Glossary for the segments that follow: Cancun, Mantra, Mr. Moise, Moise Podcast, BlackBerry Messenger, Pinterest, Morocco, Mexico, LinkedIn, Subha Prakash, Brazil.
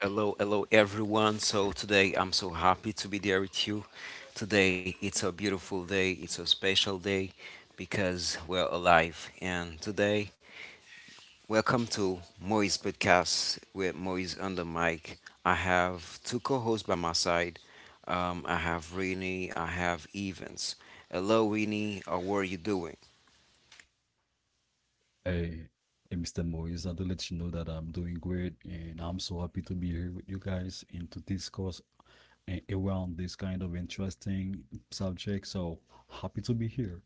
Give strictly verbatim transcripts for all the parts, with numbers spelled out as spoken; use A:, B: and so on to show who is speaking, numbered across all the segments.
A: Hello, hello everyone. So today I'm so happy to be there with you. Today it's a beautiful day, it's a special day because we're alive. And today, welcome to Moise Podcast with Moise on the mic. I have two co hosts by my side. Um, I have Rini, I have Evans. Hello, Rini, how are you doing?
B: Hey, hey, mister Moise, I to let you know that I'm doing great and I'm so happy to be here with you guys and to discuss a- around this kind of interesting subject. So happy to be here.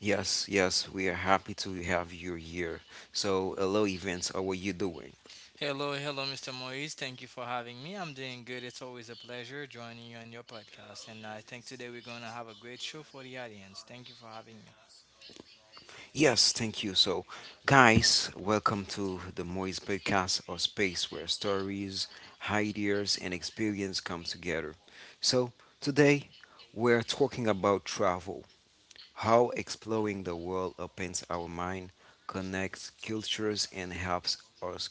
A: Yes, yes, we are happy to have you here. So, hello, Evans, how are you doing?
C: Hello, hello, mister Moise. Thank you for having me. I'm doing good. It's always a pleasure joining you on your podcast. And I think today we're going to have a great show for the audience. Thank you for having me.
A: Yes, thank you. So, guys, welcome to the Moist Podcast, a space where stories, ideas, and experience come together. So, today we're talking about travel, how exploring the world opens our mind, connects cultures, and helps us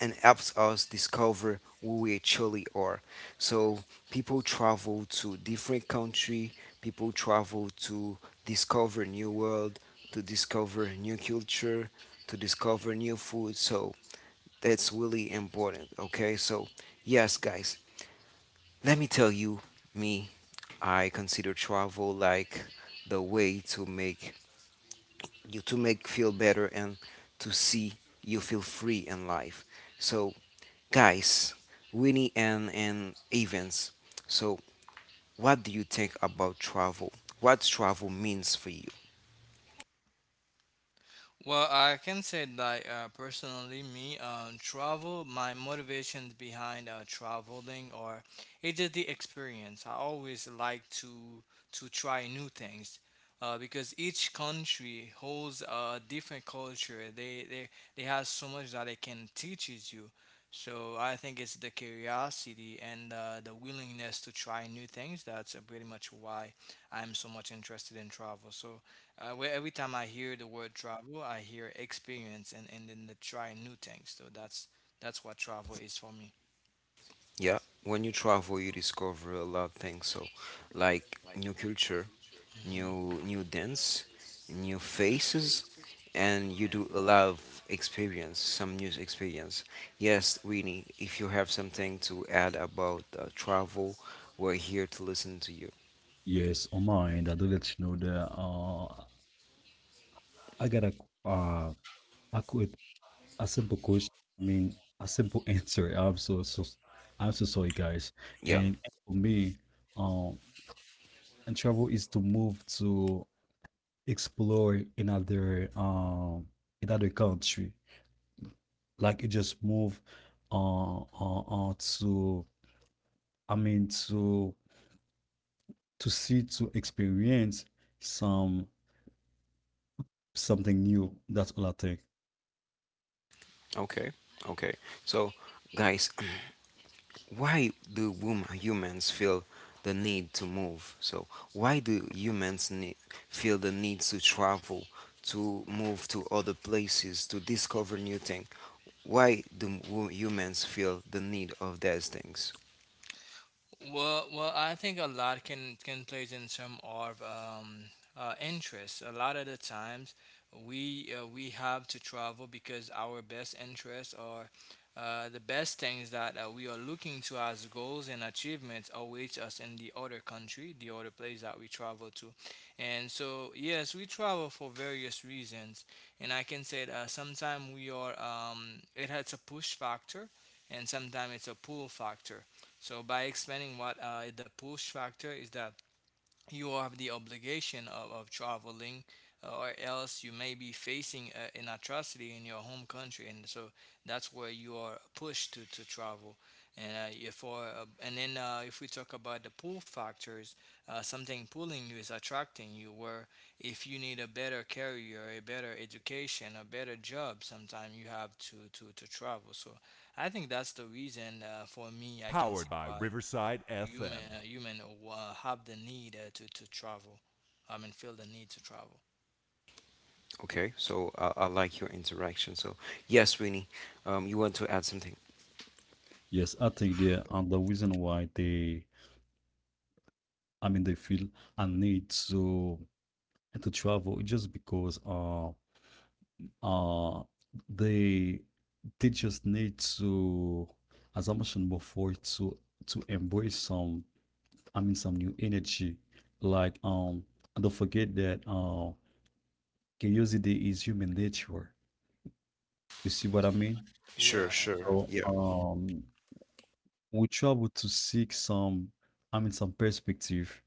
A: and helps us discover who we actually are. So people travel to different country, people travel to discover new world, to discover new culture, to discover new food. So that's really important. Okay, so yes, guys, let me tell you, me, I consider travel like the way to make you to make feel better and to see you feel free in life. So guys, Winnie and, and Evans, so what do you think about travel? What travel means for you?
C: Well, I can say that uh, personally, me, uh, travel, my motivations behind uh, traveling, or it's just the experience. I always like to to try new things, uh, because each country holds a different culture. They they they have so much that it can teaches you. So I think it's the curiosity and uh, the willingness to try new things. That's uh, pretty much why I'm so much interested in travel. So uh, where every time I hear the word travel, I hear experience and, and then the try new things. So that's that's what travel is for me.
A: Yeah, when you travel, you discover a lot of things. So, like new culture,
C: Mm-hmm.
A: new new dance, new faces, and you do a lot of experience, some new experience. Yes, Winnie, if you have something to add about uh, travel, we're here to listen to you.
B: Yes, on my end, I do let you know that uh, I got a uh, a quick, a simple question. I mean, a simple answer. I'm so so I'm so sorry, guys.
A: Yeah.
B: And for me, um, and travel is to move to explore another um another country. Like you just move uh, uh, uh to I mean to to see to experience some something new. That's all I think.
A: Okay. Okay. So, guys. why do women, humans feel the need to move? So why do humans need, feel the need to travel, to move to other places, to discover new things? Why do wo- humans feel the need of those things?
C: Well, well, I think a lot can can plays in terms of um, uh, interests. A lot of the times, we uh, we have to travel because our best interests are uh, the best things that uh, we are looking to as goals and achievements awaits us in the other country, the other place that we travel to, and so yes, we travel for various reasons. And I can say that sometimes we are um, it has a push factor, and sometimes it's a pull factor, so by explaining what uh, the push factor is that you have the obligation of, of traveling uh, or else you may be facing a, an atrocity in your home country, and so that's where you are pushed to, to travel, and uh, if or, uh, and then uh, if we talk about the pull factors, uh, something pulling you is attracting you. Where if you need a better career, a better education, a better job, sometimes you have to, to, to travel. So I think that's the reason. Uh, for me, I can see why human human uh, have the need uh, to to travel. I mean, feel the need to travel.
A: Okay, so I, I like your interaction. So yes, Winnie, um, you want to add something?
B: Yes, I think the and the reason why they I mean they feel a need to to travel is just because uh uh they they just need to, as I mentioned before, to to embrace some, I mean some, new energy. Like um don't forget that uh curiosity is human nature. You see what I mean?
A: Sure,
C: Yeah,
A: sure.
B: So
C: exactly.
A: Yeah.
B: um we travel to seek some, I mean some, perspective.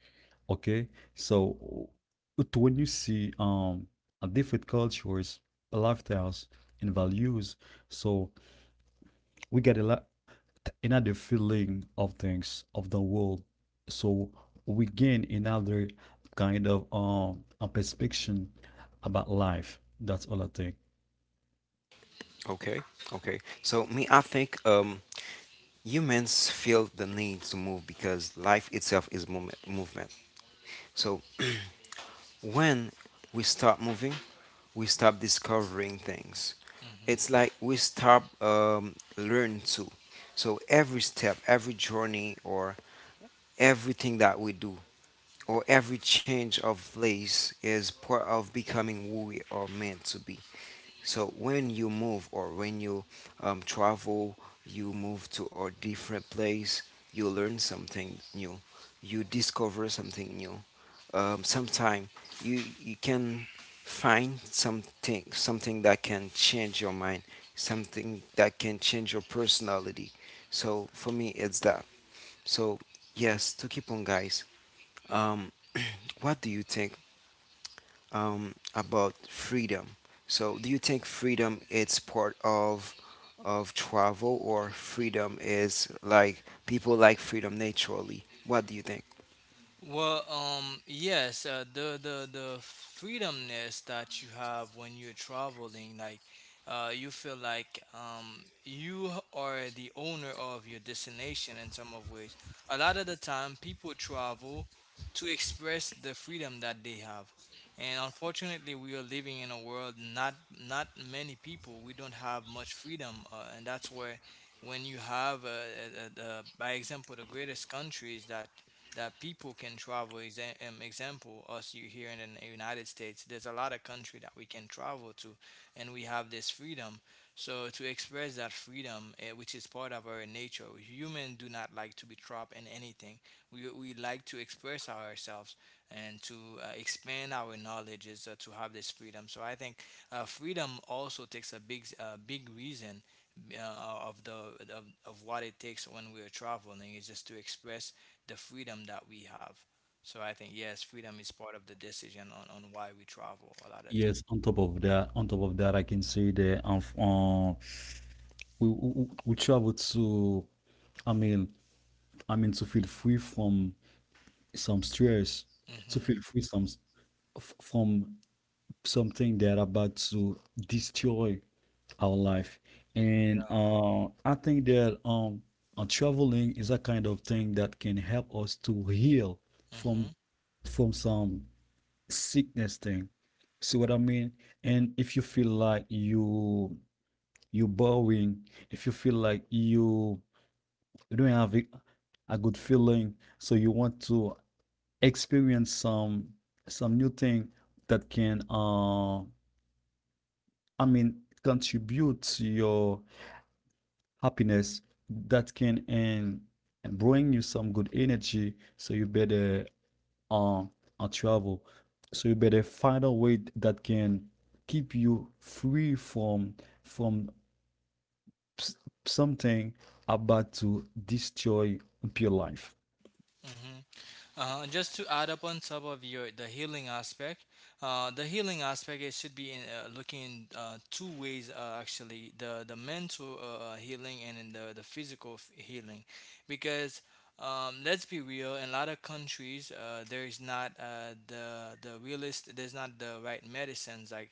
B: Okay. So it- when you see um a different cultures, lifestyles and values, so we get a lot another feeling of things of the world so we gain another kind of um a perspective about life. That's all I think.
A: Okay. Okay. So me, I think um, humans feel the need to move because life itself is mom- movement. So when we stop moving, we stop discovering things.
C: Hmm.
A: It's like we stop um, learn to. So every step, every journey, or everything that we do, or every change of place is part of becoming who we are meant to be. So when you move or when you um, travel, you move to a different place, you learn something new, you discover something new. Um, Sometimes you you can find something something that can change your mind, something that can change your personality. So for me, it's that. So yes, to keep on, guys. Um, what do you think um, about freedom. So, do you think freedom it's part of of travel, or freedom is like people like freedom naturally? What do you think?
C: Well, um, yes, uh, the the the freedomness that you have when you're traveling, like, uh, you feel like um you are the owner of your destination in some of ways. A lot of the time, people travel to express the freedom that they have, and unfortunately, we are living in a world, not not many people. We don't have much freedom, uh, and that's where when you have, uh, uh, uh, the by example, the greatest countries that that people can travel. Exa- um, example, us you here in the United States, there's a lot of country that we can travel to, and we have this freedom. So to express that freedom, eh, which is part of our nature, humans do not like to be trapped in anything. We, we like to express ourselves and to uh, expand our knowledges uh, to have this freedom. So I think uh, freedom also takes a big uh, big reason uh, of the of, of what it takes when we're traveling is just to express the freedom that we have. So I think yes, freedom is part of the decision on, on why we travel a lot of.
B: Yes, on top of that, on top of that, I can say that um, f- um we, we we travel to, I mean, I mean to feel free from some stress, to
C: Mm-hmm.
B: feel free some s- f- from something that about to destroy our life. And
C: Yeah.
B: uh, I think that um, uh, traveling is a kind of thing that can help us to heal
C: Mm-hmm.
B: from from some sickness thing. See what I mean? And if you feel like you you boring, if you feel like you you don't have a, a good feeling, so you want to experience some some new thing that can uh I mean contribute to your happiness that can and, bring you some good energy. So you better uh, uh travel. So you better find a way that can keep you free from from something about to destroy your life.
C: Mm-hmm. Uh, just to add up on top of your the healing aspect, uh, the healing aspect it should be in, uh, looking in uh, two ways, uh, actually the the mental uh, uh, healing and in the the physical f- healing, because um, let's be real, in a lot of countries uh, there is not uh, the the realist there's not the right medicines, like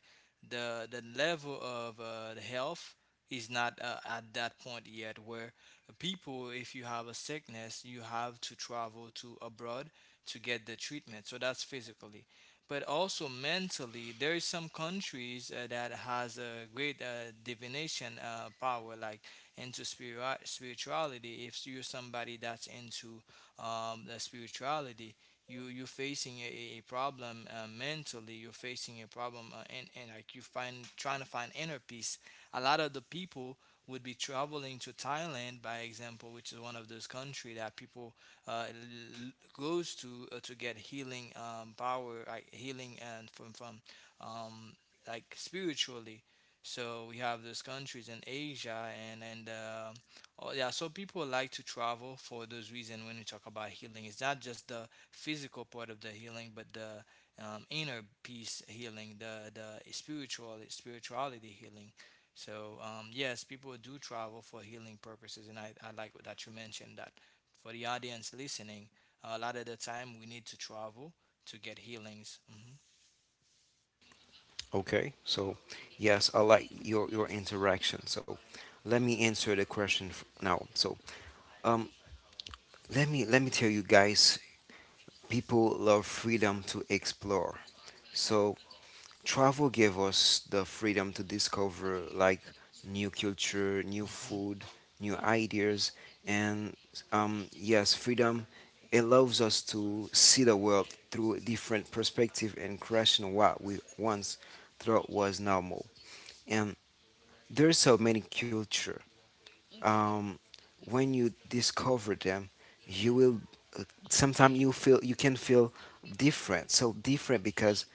C: the the level of uh, the health is not uh, at that point yet, where people if you have a sickness you have to travel to abroad to get the treatment, so that's physically, but also mentally there is some countries uh, that has a great uh, divination uh, power, like into spiri- spirituality. If you're somebody that's into um, the spirituality, you you're facing a, a problem uh, mentally, you're facing a problem uh, and, and like you find trying to find inner peace, a lot of the people would be traveling to Thailand, by example, which is one of those countries that people uh, l- goes to uh, to get healing um, power, like healing and from from um, like spiritually. So we have those countries in Asia and and uh, oh yeah, so people like to travel for those reasons. When we talk about healing, it's not just the physical part of the healing, but the um, inner peace healing, the the spiritual spirituality healing. So um, yes, people do travel for healing purposes, and I, I like what that you mentioned that for the audience listening, a lot of the time we need to travel to get healings. Hmm.
A: Okay, so yes, I like your your interaction. So, let me answer the question f- now. So, um, let me let me tell you guys, people love freedom to explore. So, travel gave us the freedom to discover like new culture, new
C: Hmm.
A: food, new ideas, and um, yes, freedom allows us to see the world through different perspective and question what we once thought was normal. And there's so many culture. Um, when you discover them, you will sometimes you feel you can feel different, so different, because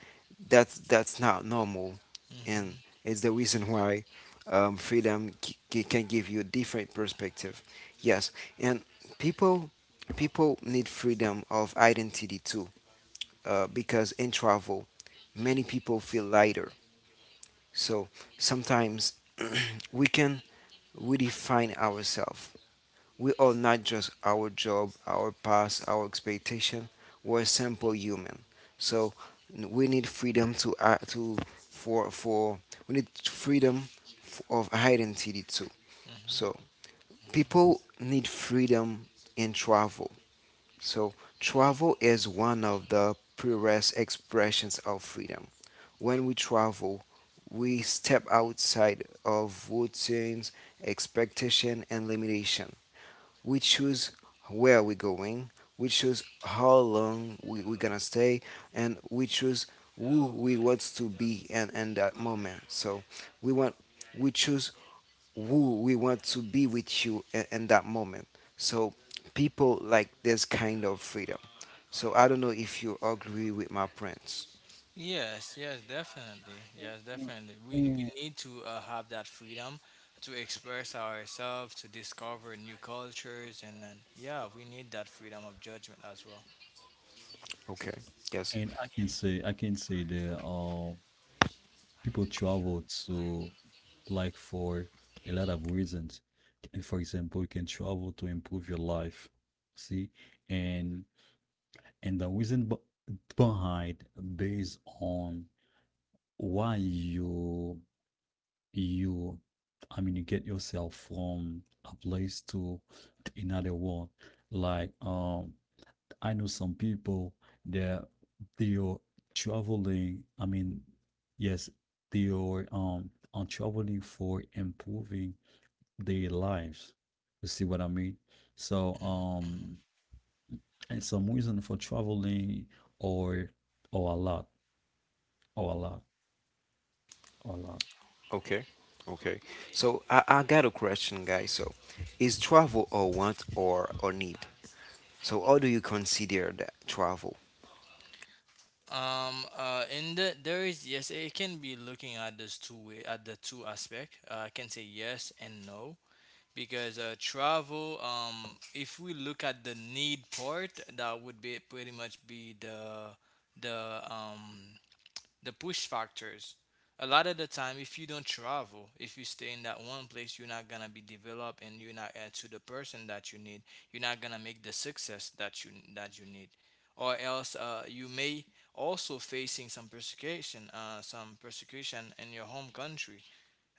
A: that's that's not normal,
C: Hmm.
A: and it's the reason why um, freedom c- c- can give you a different perspective. Yes, and people people need freedom of identity too, uh, because in travel many people feel lighter, so sometimes we can redefine ourselves. We are not just our job, our past, our expectation. We're simple human. So n- we need freedom to act to for for we need freedom f- of identity too.
C: Hmm. Hmm.
A: So people need freedom in travel. So travel is one of the purest expressions of freedom. When we travel, we step outside of routines, expectation, and limitation. We choose where we're going. We choose how long we, we're gonna stay, and we choose who we want to be in, in that moment. So we want we choose who we want to be with you in, in that moment. So people like this kind of freedom. So I don't know if you agree with my friends.
C: Yes, yes, definitely. Yes,
B: And,
C: definitely. We
B: and
C: we need to uh, have that freedom to express ourselves, to discover new cultures, and then yeah, we need that freedom of judgment as well.
A: Okay. Yes.
B: And I can say, I can say that, uh, people travel to like for a lot of reasons. And for example, you can travel to improve your life. See, and and the reason b- behind, based on why you you I mean you get yourself from a place to another one. Like um I know some people that they are traveling. I mean, yes, they are um on traveling for improving their lives. You see what I mean? So
C: Mhm, mhm.
B: um, and some reason for traveling or or a lot or a lot or a lot.
A: Okay. Okay. So I, I got a question, guys. So is travel a want or or need? So, how do you consider that travel?
C: Um, uh, in the there is yes, it can be looking at this two way at the two aspect. Uh, I can say yes and no, because uh, travel. Um, if we look at the need part, that would be pretty much be the the um the push factors. A lot of the time, if you don't travel, if you stay in that one place, you're not gonna be developed, and you're not uh, to the person that you need. You're not gonna make the success that you that you need, or else uh, you may also facing some persecution, uh, some persecution in your home country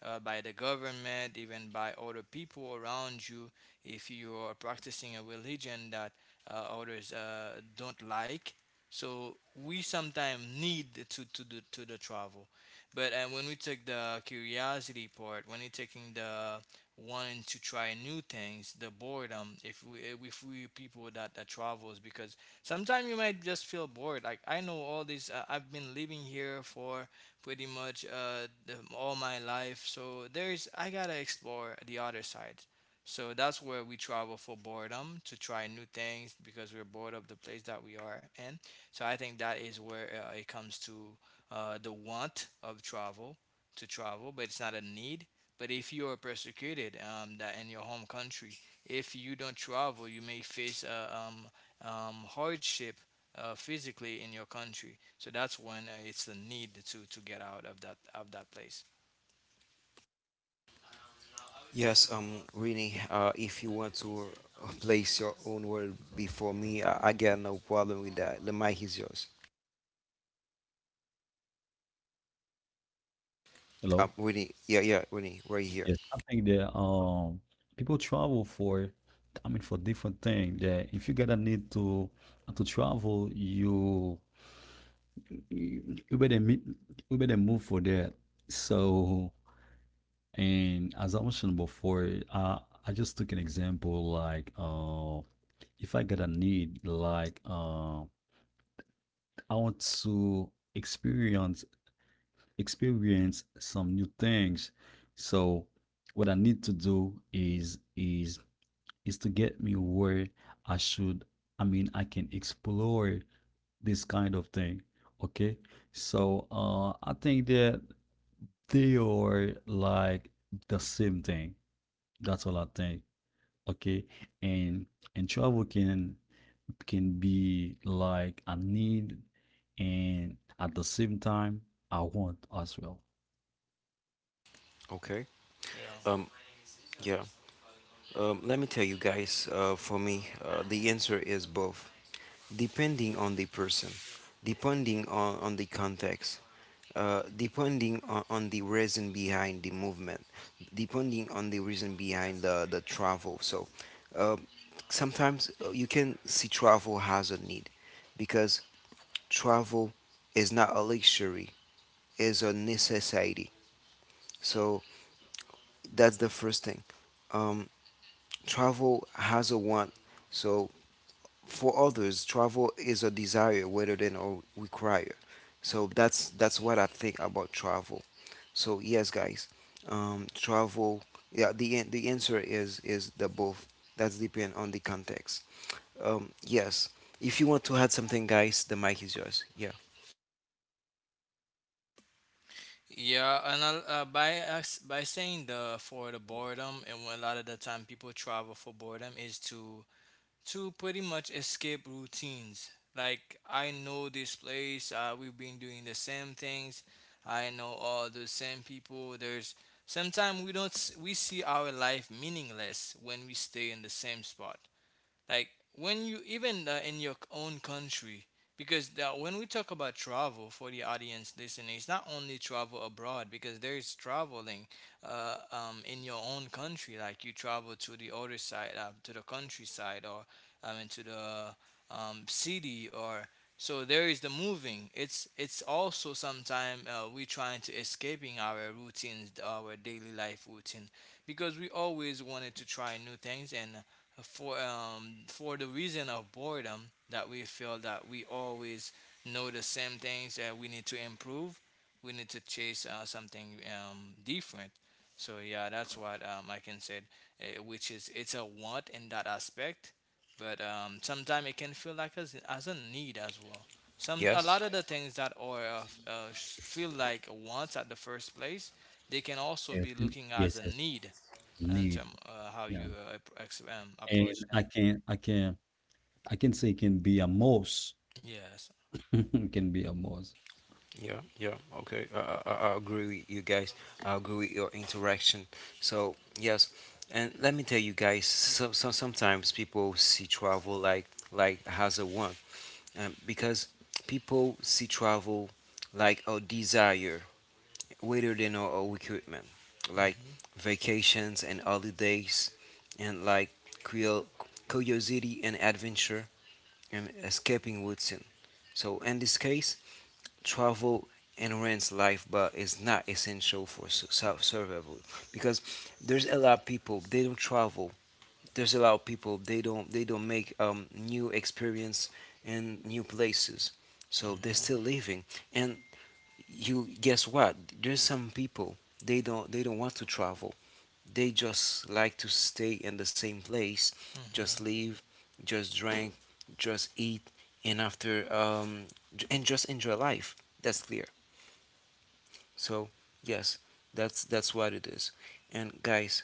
C: uh, by the government, even by other people around you, if you are practicing a religion that uh, others uh, don't like. So we sometimes need to to do to the travel, but uh, when we take the curiosity part, when you're taking the wanting to try new things, the boredom, if we if we people that that travels, because sometimes you might just feel bored. Like I know all this, uh, I've been living here for pretty much uh, the, all my life. So there's I gotta explore the other side. So that's where we travel for boredom to try new things because we're bored of the place that we are in. So I think that is where uh, it comes to uh, the want of travel to travel, but it's not a need. But if you are persecuted um, that in your home country, if you don't travel, you may face uh, um, um, hardship uh, physically in your country. So that's when uh, it's the need to to get out of that of that place.
A: Yes, um, really, uh, if you want to uh, place your own word before me, I, I got no problem with that. The mic is yours. Um,
B: Hello?
A: Winnie, yeah, yeah, Winnie, right here.
B: Yes, I think that um people travel for, I mean for, different things. That if you gotta need to to travel you we better meet, we better move for that. So, and as I mentioned before, uh, I just took an example like, uh, if I got a need, like, uh, I want to experience, experience some new things. So, what I need to do is is is to get me where I should. I mean, I can explore this kind of thing. Okay, so uh, I think that they are like the same thing. That's all I think. Okay, and and travel can can be like a need, and at the same time I want as well.
A: Okay.
C: Yeah.
A: Um, yeah. Um, let me tell you guys. Uh, for me, uh, the answer is both, depending on the person, depending on, on the context, uh, depending on, on the reason behind the movement, depending on the reason behind the, the travel. So uh, sometimes uh, you can see travel has a need because travel is not a luxury, is a necessity. So that's the first thing. Um, travel has a want. So for others, travel is a desire rather than a require. So that's that's what I think about travel. So yes, guys, um, travel. Yeah, the an- the answer is is the both. That's depend on the context. Um, yes, if you want to add something, guys, the mic is yours. Yeah.
C: Yeah, and I'll- uh, by us- by saying the for the boredom, and when a lot of the time people travel for boredom is to to pretty much escape routines. Like I know this place, uh, we've been doing the same things. I know all the same people. There's sometimes we don't s- we see our life meaningless when we stay in the same spot. Like when you even uh, in your own country, because the, when we talk about travel for the audience listening, it's not only travel abroad because there is traveling uh, um, in your own country. Like you travel to the other side uh, to the countryside or um, into the um, city or so there is the moving. It's it's also sometime uh, we trying to escaping our routines, our daily life routine, because we always wanted to try new things, and for um for the reason of boredom, that we feel that we always know the same things, that we need to improve, we need to chase uh, something um, different. So yeah, that's what um, I can say, uh, which is it's a want in that aspect, but um, sometimes it can feel like as, as a need as well. Some a
A: Yes.
C: lot of the things that are uh, f- uh, sh- feel like wants at the first place, they can also
B: Yes,
C: be
B: and-
C: looking as
B: yes,
C: a
B: yes,
C: need, and
B: need.
C: um, uh, how you
B: Yeah,
C: uh, ap- ex- um,
B: and
C: approach them.
B: I can I can I can say it can be a most.
C: Yes.
B: It can be a most.
A: Yeah, yeah, okay. I, I, I I agree with you guys. I agree with your interaction. So, yes, and let me tell you guys, so, so sometimes people see travel like like as a want, um, because people see travel like a desire, rather than a, a recruitment, like
C: Hmm.
A: vacations and holidays, and like curios- curiosity and adventure and escaping routine. So in this case, travel and enhance life but it's not essential for su- su- survival, because there's a lot of people they don't travel, there's a lot of people they don't they don't make um, new experience in new places, so they're
C: Hmm.
A: still living. And you guess what, there's some people they don't they don't want to travel. They just like to stay in the same place, just
C: Hmm.
A: live, just drink, just eat, and after um j- and just enjoy life. That's clear. So yes, that's that's what it is. And guys,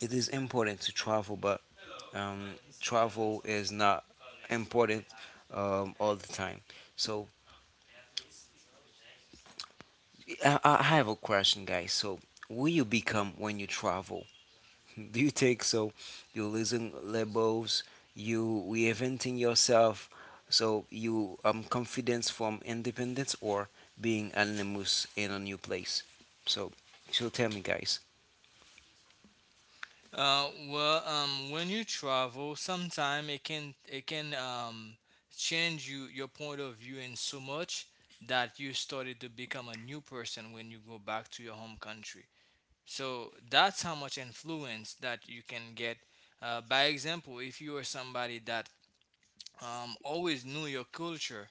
A: it is important to travel, but um, travel is not important um, all the time. So I, I have a question, guys. So who you become when you travel? Do you take, so you listen labels, you reinventing yourself, so you um confidence from independence or being anonymous in a new place? So so tell me, guys.
C: Uh, well, um, when you travel, sometime it can it can um, change you your point of view in so much that you started to become a new person when you go back to your home country. So that's how much influence that you can get. Uh, by example, if you are somebody that um, always knew your culture,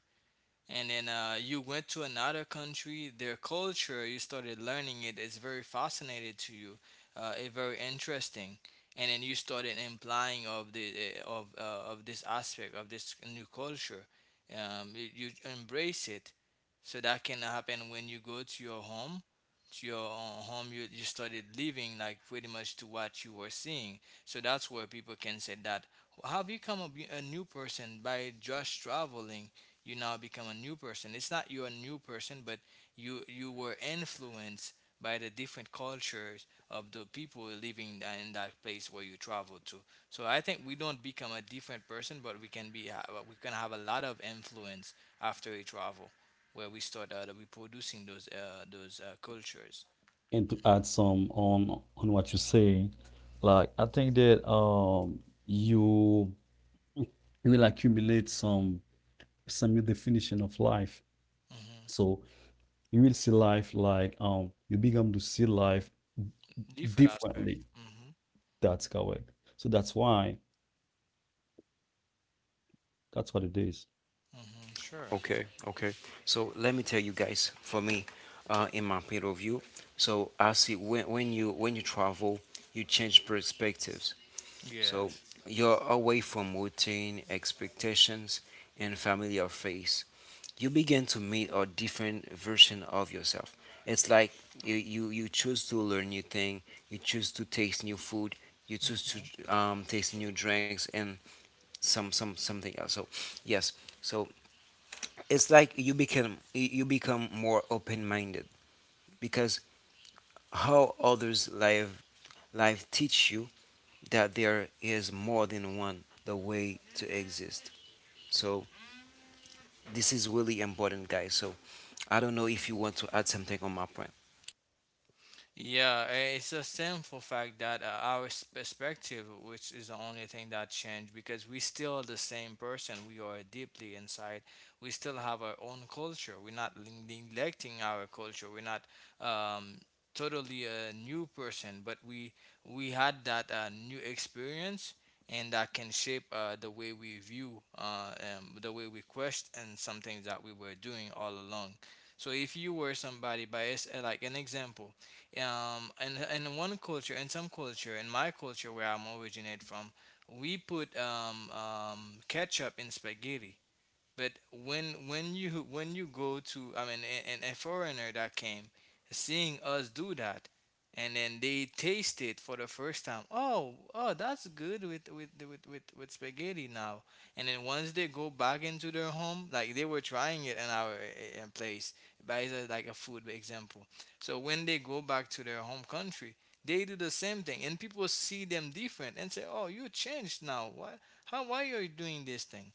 C: and then uh, you went to another country, their culture, you started learning it. It's very fascinating to you, uh, it's very interesting, and then you started implying of the eh, of uh, of this aspect of this new culture. Um, you, you embrace it, so that can happen when you go to your home, to your own home. You you started living like pretty much to what you were seeing, so that's where people can say that have you become a, be- a new person by just traveling. You now become a new person. It's not you're a new person, but you you were influenced by the different cultures of the people living tha- in that place where you travel to. So I think we don't become a different person, but we can be ha- we can have a lot of influence after we travel, where we start uh, reproducing those uh, those uh, cultures.
B: And to add some on on what you say, like I think that um you you will accumulate some some new definition of life.
C: Hmm
B: So you will see life like um you become to see life
C: Different aspect.
B: differently.
C: Hmm
B: That's correct. So that's why that's what it is.
C: hmm Sure.
A: Okay, okay. So let me tell you guys, for me, uh, in my point of view, so I see when, when you when you travel, you change perspectives. So
C: Yes.
A: you're away from routine expectations and familiar face. You begin to meet a different version of yourself. It's like you, you, you choose to learn new thing, you choose to taste new food, you choose
C: Mhm.
A: to um, taste new drinks and some some something else. So yes, so it's like you become you become more open-minded, because how others live life teach you that there is more than one the way to exist. So this is really important, guys. So I don't know if you want to add something on my point.
C: Yeah, eh, it's a simple fact that uh, our s- perspective, which is the only thing that changed, because we still the same person. We are deeply inside. We still have our own culture. We're not le- neglecting our culture. We're not um, totally a new person, but we we had that uh, new experience, and that can shape uh, the way we view, uh, um, the way we question some things that we were doing all along. So if you were somebody by s- uh, like an example, um, and in one culture, in some culture, in my culture where I'm originate from, we put um, um, ketchup in spaghetti. But when when you when you go to, I mean, and, and a foreigner that came seeing us do that and then they taste it for the first time. Oh, oh, that's good with with with with, with spaghetti now. And then once they go back into their home, like they were trying it in our uh, uh, place, by the- like a food example. So when they go back to their home country, they do the same thing, and people see them different and say, "Oh, you changed now. Why? How? Why are you doing this thing?"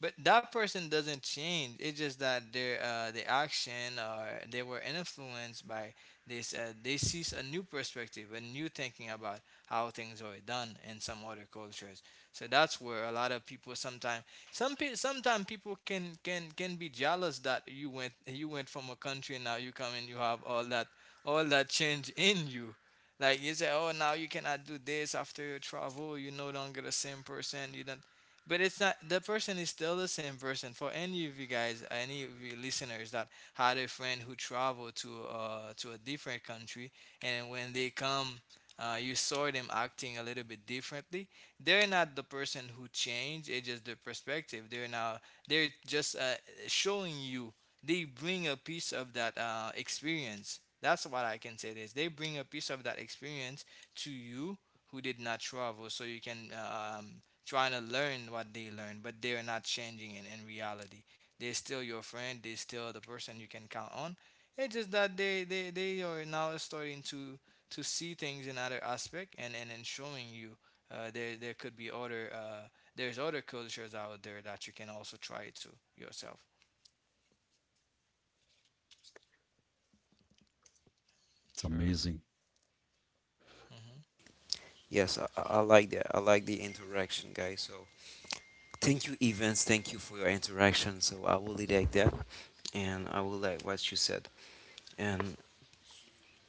C: But that person doesn't change. It's just that their uh, the action or they were influenced by this. Uh, they see a new perspective, a new thinking about how things are done in some other cultures. So that's where a lot of people sometimes some pe- sometimes people can can can be jealous that you went you went from a country and now you come and you have all that all that change in you. Like you say, oh, now you cannot do this after your travel. You're no longer the same person. You don't, but it's not, the person is still the same person. For any of you guys, any of you listeners that had a friend who traveled to uh to a different country and when they come, uh, you saw them acting a little bit differently. They're not the person who changed, it's just their perspective. They're now they're just uh, showing you, they bring a piece of that uh, experience. That's what I can say: this, they bring a piece of that experience to you who did not travel, so you can um, trying to learn what they learn, but they're not changing in, in reality. They're still your friend, they're still the person you can count on. It's just that they, they, they are now starting to to see things in other aspect, and, and then showing you uh, there there could be other uh, there's other cultures out there that you can also try to yourself.
B: It's
C: Sure.
B: amazing.
C: hmm
A: Yes, i, I I like that, I like the interaction, guys. So thank you, Evans, thank you for your interaction, so I really like that, and I will like what you said. And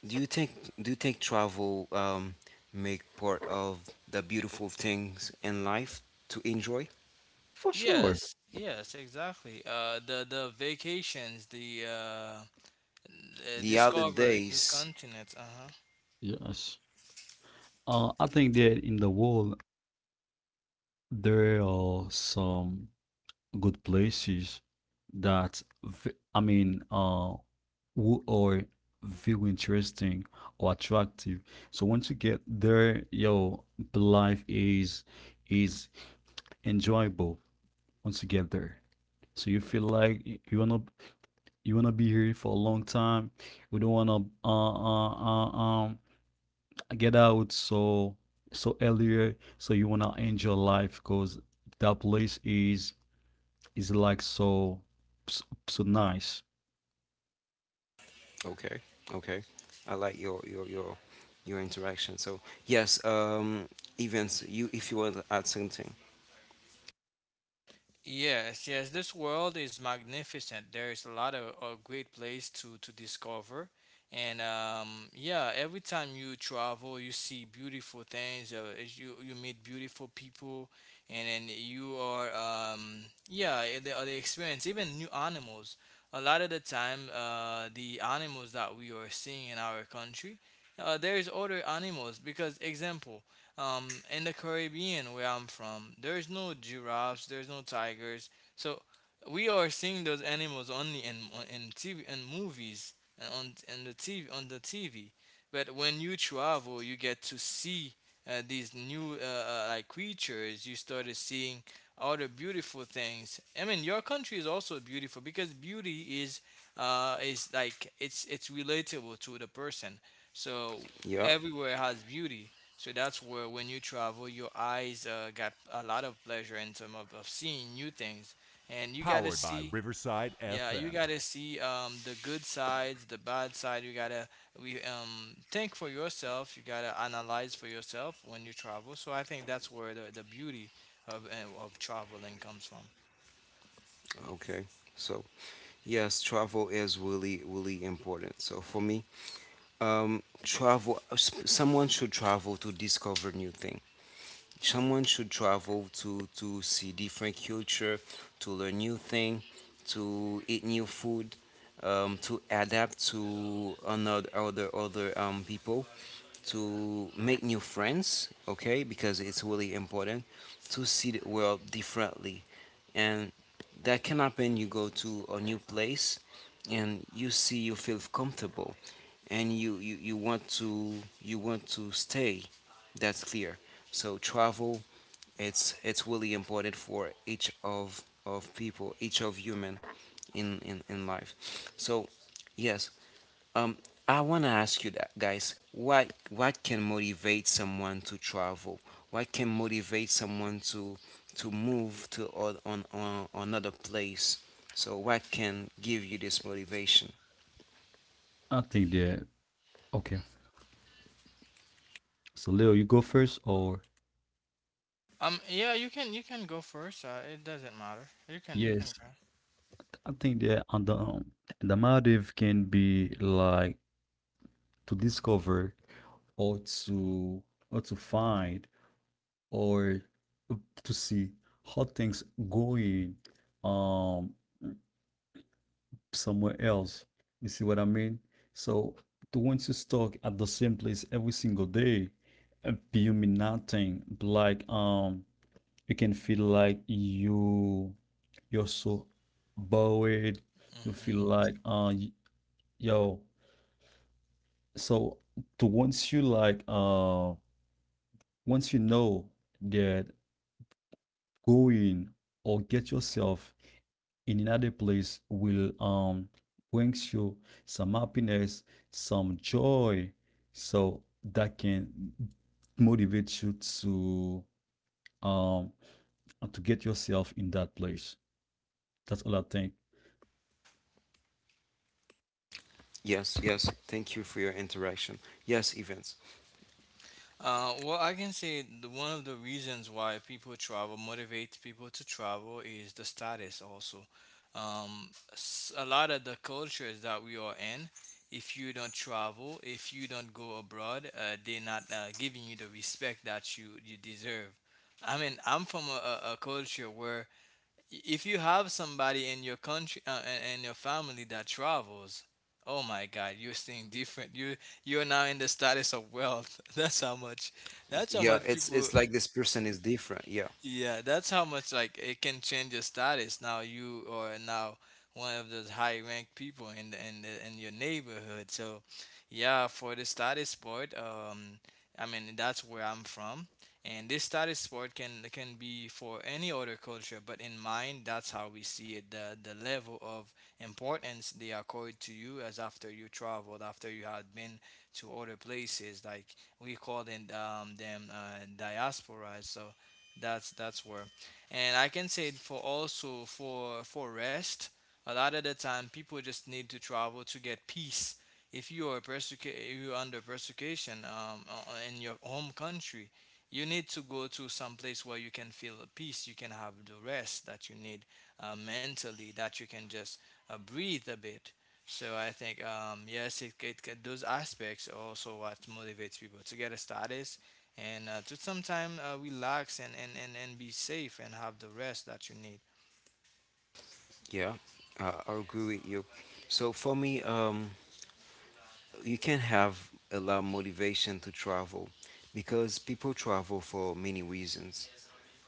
A: Do you think do you think travel um, make part of the beautiful things in life to enjoy?
B: Sure.
C: Yes, yes, exactly. Uh, the the vacations, the uh, uh,
A: The
C: discover new
A: holidays.
C: continents. Uh huh.
B: Yes. Uh, I think that in the world there are some good places that v- I mean, uh, who are feel interesting or attractive. So once you get there, yo, life is is enjoyable once you get there. So you feel like y- you wanna, you wanna be here for a long time. You don't wanna uh, uh, uh um get out so, so earlier. So you wanna enjoy life because that place is is like so, so, so nice.
A: Okay, okay. I like your your your your interaction. So yes, um, events. You if you want to add something.
C: Yes, yes, this world is magnificent. There is a lot of, of great place to to discover, and um, yeah, every time you travel, you see beautiful things. Uh, as you you meet beautiful people, and then you are um, yeah, eh, the, the experience even new animals. A lot of the time, uh, the animals that we are seeing in our country, uh, there is other animals because example. Um, in the Caribbean, where I'm from, there's no giraffes, there's no tigers. So we are seeing those animals only in in T V and movies and on and the T V on the T V. But when you travel, you get to see uh, these new uh, uh, like creatures. You started seeing other beautiful things. I mean, your country is also beautiful because beauty is uh, is like it's it's relatable to the person. So
A: Yeah.
C: everywhere has beauty. So that's where when you travel, your eyes uh, got a lot of pleasure in terms of, of seeing new things. And you gotta see, yeah, you gotta see um, the good sides, the bad side. You gotta we um, think for yourself. You gotta analyze for yourself when you travel. So I think that's where the, the beauty of uh, of traveling comes from.
A: Okay. So yes, travel is really really important. So for me, um, travel. s- Someone should travel to discover new things, someone should travel to to see different culture, to learn new thing, to eat new food, um, to adapt to another other other um, people, to make new friends, okay, because it's really important to see the world differently, and that can happen, you go to a new place, and you see you feel comfortable, and you, you, you want to you want to stay. That's clear. So travel, it's it's really important for each of of people, each of human in in, in life. So yes, um, I wanna ask you that, guys. What what can motivate someone to travel? What can motivate someone to to move to or, on, on another place? So what can give you this motivation?
B: I think that okay. So Leo, you go first, or
C: Um, yeah, you can you can go first. Uh, it doesn't matter. You can you can
B: yes, I think that on the, um, the motive can be like to discover, or to or to find, or to see how things going um somewhere else. You see what I mean? So to once you stuck at the same place every single day, uh, you mean nothing. Like um you can feel like you you're so bored, you
C: go.
B: feel like uh y- yo so to once you like, uh, once you know that going or get yourself in another place will um brings you some happiness, some joy, so that can motivate you to um to get yourself in that place. That's all I think.
A: Yes, yes. Thank you for your interaction. Yes, events.
C: Uh, well, I can say the, one of the reasons why people travel, motivates people to travel, is the status also. Um, s- a lot of the cultures that we are in, if you don't travel, if you don't go abroad, uh, they're not uh, giving you the respect that you, you deserve. I mean, I'm from a, a a culture where if you have somebody in your country uh, in in your family that travels, oh my god, you're seeing different. You, you're now in the status of wealth. That's how much, that's how
A: Yeah,
C: much
A: it's
C: people,
A: it's like this person is different. Yeah.
C: yeah, that's how much like it can change your status. Now you are now one of those high ranked people in the, in the, in your neighborhood. So, yeah, for the status sport, um, I mean that's where I'm from, and this status sport can can be for any other culture, but in mine, that's how we see it. The the level of importance they accord to you as after you traveled, after you had been to other places, like we call them um, them uh, diasporas. So that's that's where, and I can say for also for for rest. A lot of the time, people just need to travel to get peace. If you are persecu- you're under persecution um, uh, uh, in your home country, you need to go to some place where you can feel at peace. You can have the rest that you need uh, mentally, that you can just uh, breathe a bit. So I think um, yes, it, it, it those aspects are also what motivates people to get a status and uh, to sometime uh, relax and, and, and, and be safe and have the rest that you need.
A: Yeah, uh, I agree with you. So for me, um, you can have a lot of motivation to travel because people travel for many reasons.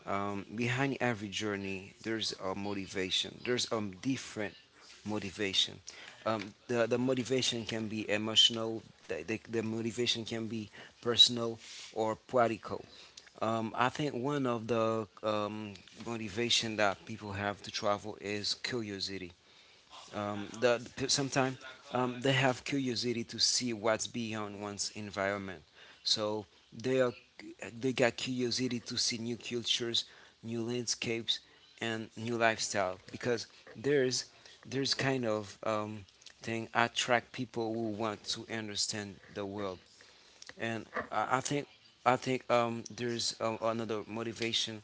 A: Um, behind every journey, there's a motivation. There's um different motivation. Um, the the motivation can be emotional. The, the, the motivation can be personal or practical. Um, I think one of the um, motivation that people have to travel is curiosity um, the the sometimes um, they have curiosity to see what's beyond one's environment. So they are they got curiosity to see new cultures, new landscapes, and new lifestyle because there's there's kind of um, thing attract people who want to understand the world, and I, I think I think um, there's um, another motivation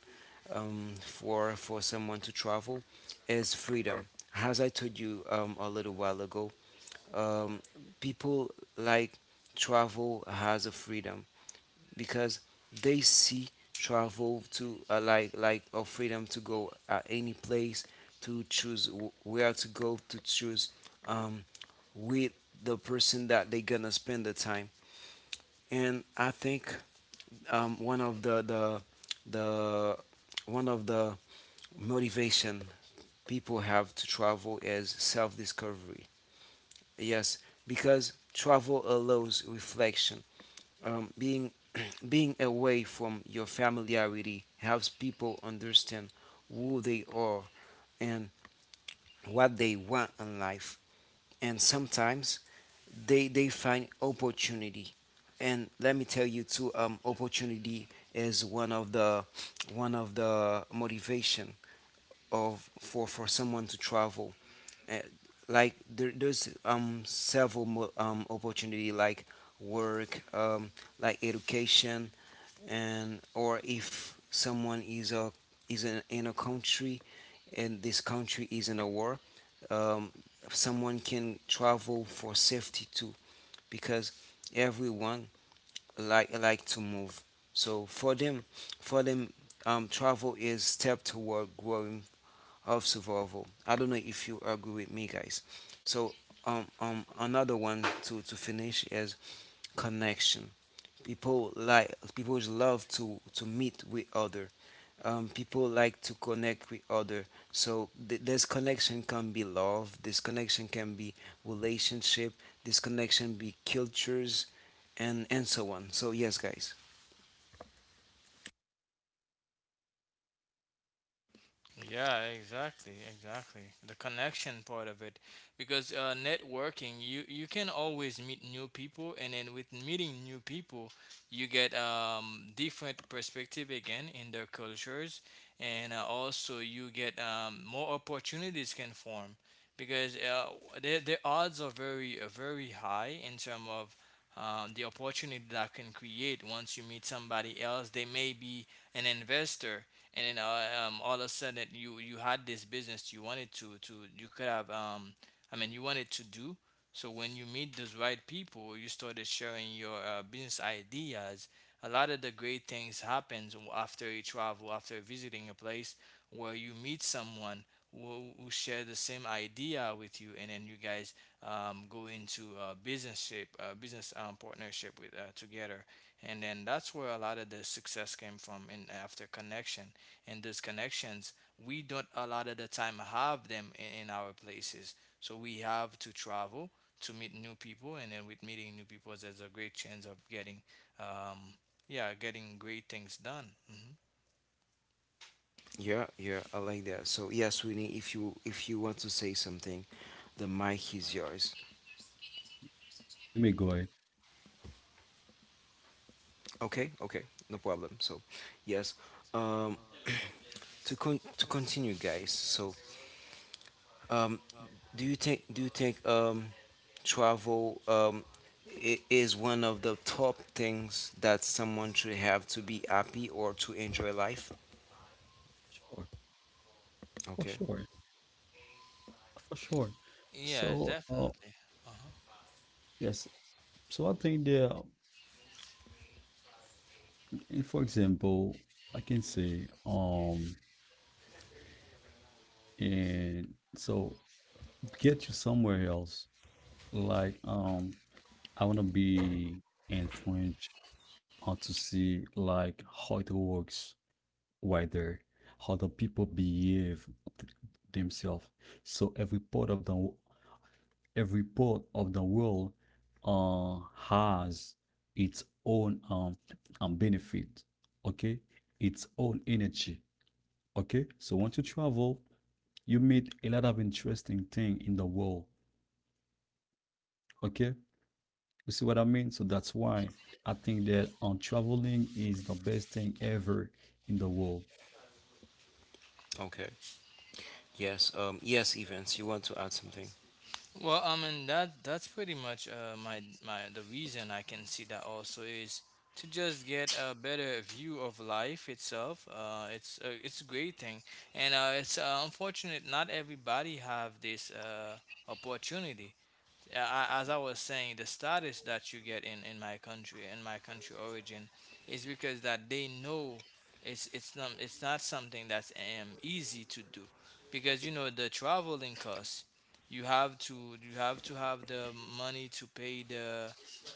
A: um, for for someone to travel is freedom. As I told you um, a little while ago, um, people like travel has a freedom because they see travel to uh, like like a freedom to go at any place to choose w- where to go to choose um, with the person that they gonna spend the time, and I think um, one of the the the one of the motivation people have to travel is self discovery. Yes, because travel allows reflection. Um, being being away from your familiarity helps people understand who they are and what they want in life. And sometimes they they find opportunity. And let me tell you too, um, opportunity is one of the one of the motivation of for for someone to travel uh, like there, there's um several mo- um opportunity like work um like education, and or if someone is a is in, in a country and this country is in a war, um someone can travel for safety too, because everyone like like to move. So for them for them um travel is step toward growing of survival. I don't know if you agree with me, guys. So, um, um, another one to, to finish is connection. People like people love to to meet with other. Um, people like to connect with other. So th- this connection can be love. This connection can be relationship. This connection be cultures, and and so on. So yes, guys.
C: Yeah, exactly, exactly. The connection part of it, because uh, networking, you you can always meet new people, and then with meeting new people, you get um, different perspective again in their cultures, and uh, also you get um, more opportunities can form, because uh, the the odds are very uh, very high in terms of um, the opportunity that can create once you meet somebody else. They may be an investor and then uh, um, all of a sudden you you had this business you wanted to to you could have um I mean you wanted to do. So when you meet those right people, you started sharing your uh, business ideas. A lot of the great things happens after you travel, after visiting a place where you meet someone who, who share the same idea with you, and then you guys um, go into a business shape, uh business um, partnership with uh, together, and then that's where a lot of the success came from in after connection, and those connections we don't a lot of the time have them in, in our places, so we have to travel to meet new people, and then with meeting new people there's a great chance of getting um yeah getting great things done. Hmm
A: Yeah, yeah, I like that. So yes, Winnie, if you if you want to say something, the mic is yours.
B: You may go ahead.
A: Okay, okay, no problem. So, yes, um, to con- to continue, guys. So, um, do you think do you think um, travel um, I- is one of the top things that someone should have to be happy or to enjoy life?
B: Sure. For
A: Okay,
B: sure, for sure.
C: yeah,
B: So, uh,
C: definitely. Uh-huh.
B: yes. So I think that, uh, and for example, I can say, um, and so get you somewhere else. Like, um, I want to be in French, uh, to see like how it works, right there, how the people behave th- themselves. So every part of the every part of the world, uh, has its own, um, um, benefit, okay? Its own energy, okay? So once you travel, you meet a lot of interesting thing in the world, okay? You see what I mean? So that's why I think that on, um, traveling is the best thing ever in the world.
A: okay, yes, um, yes, events. You want to add something?
C: Well, I mean that that's pretty much uh, my my the reason I can see that also is to just get a better view of life itself. Uh, it's a, it's a great thing, and uh, it's uh, unfortunate not everybody have this uh, opportunity. Yeah, as I was saying, the status that you get in in my country, in my country origin, is because that they know it's it's not it's not something that's um easy to do, because you know the traveling costs. You have to you have to have the money to pay the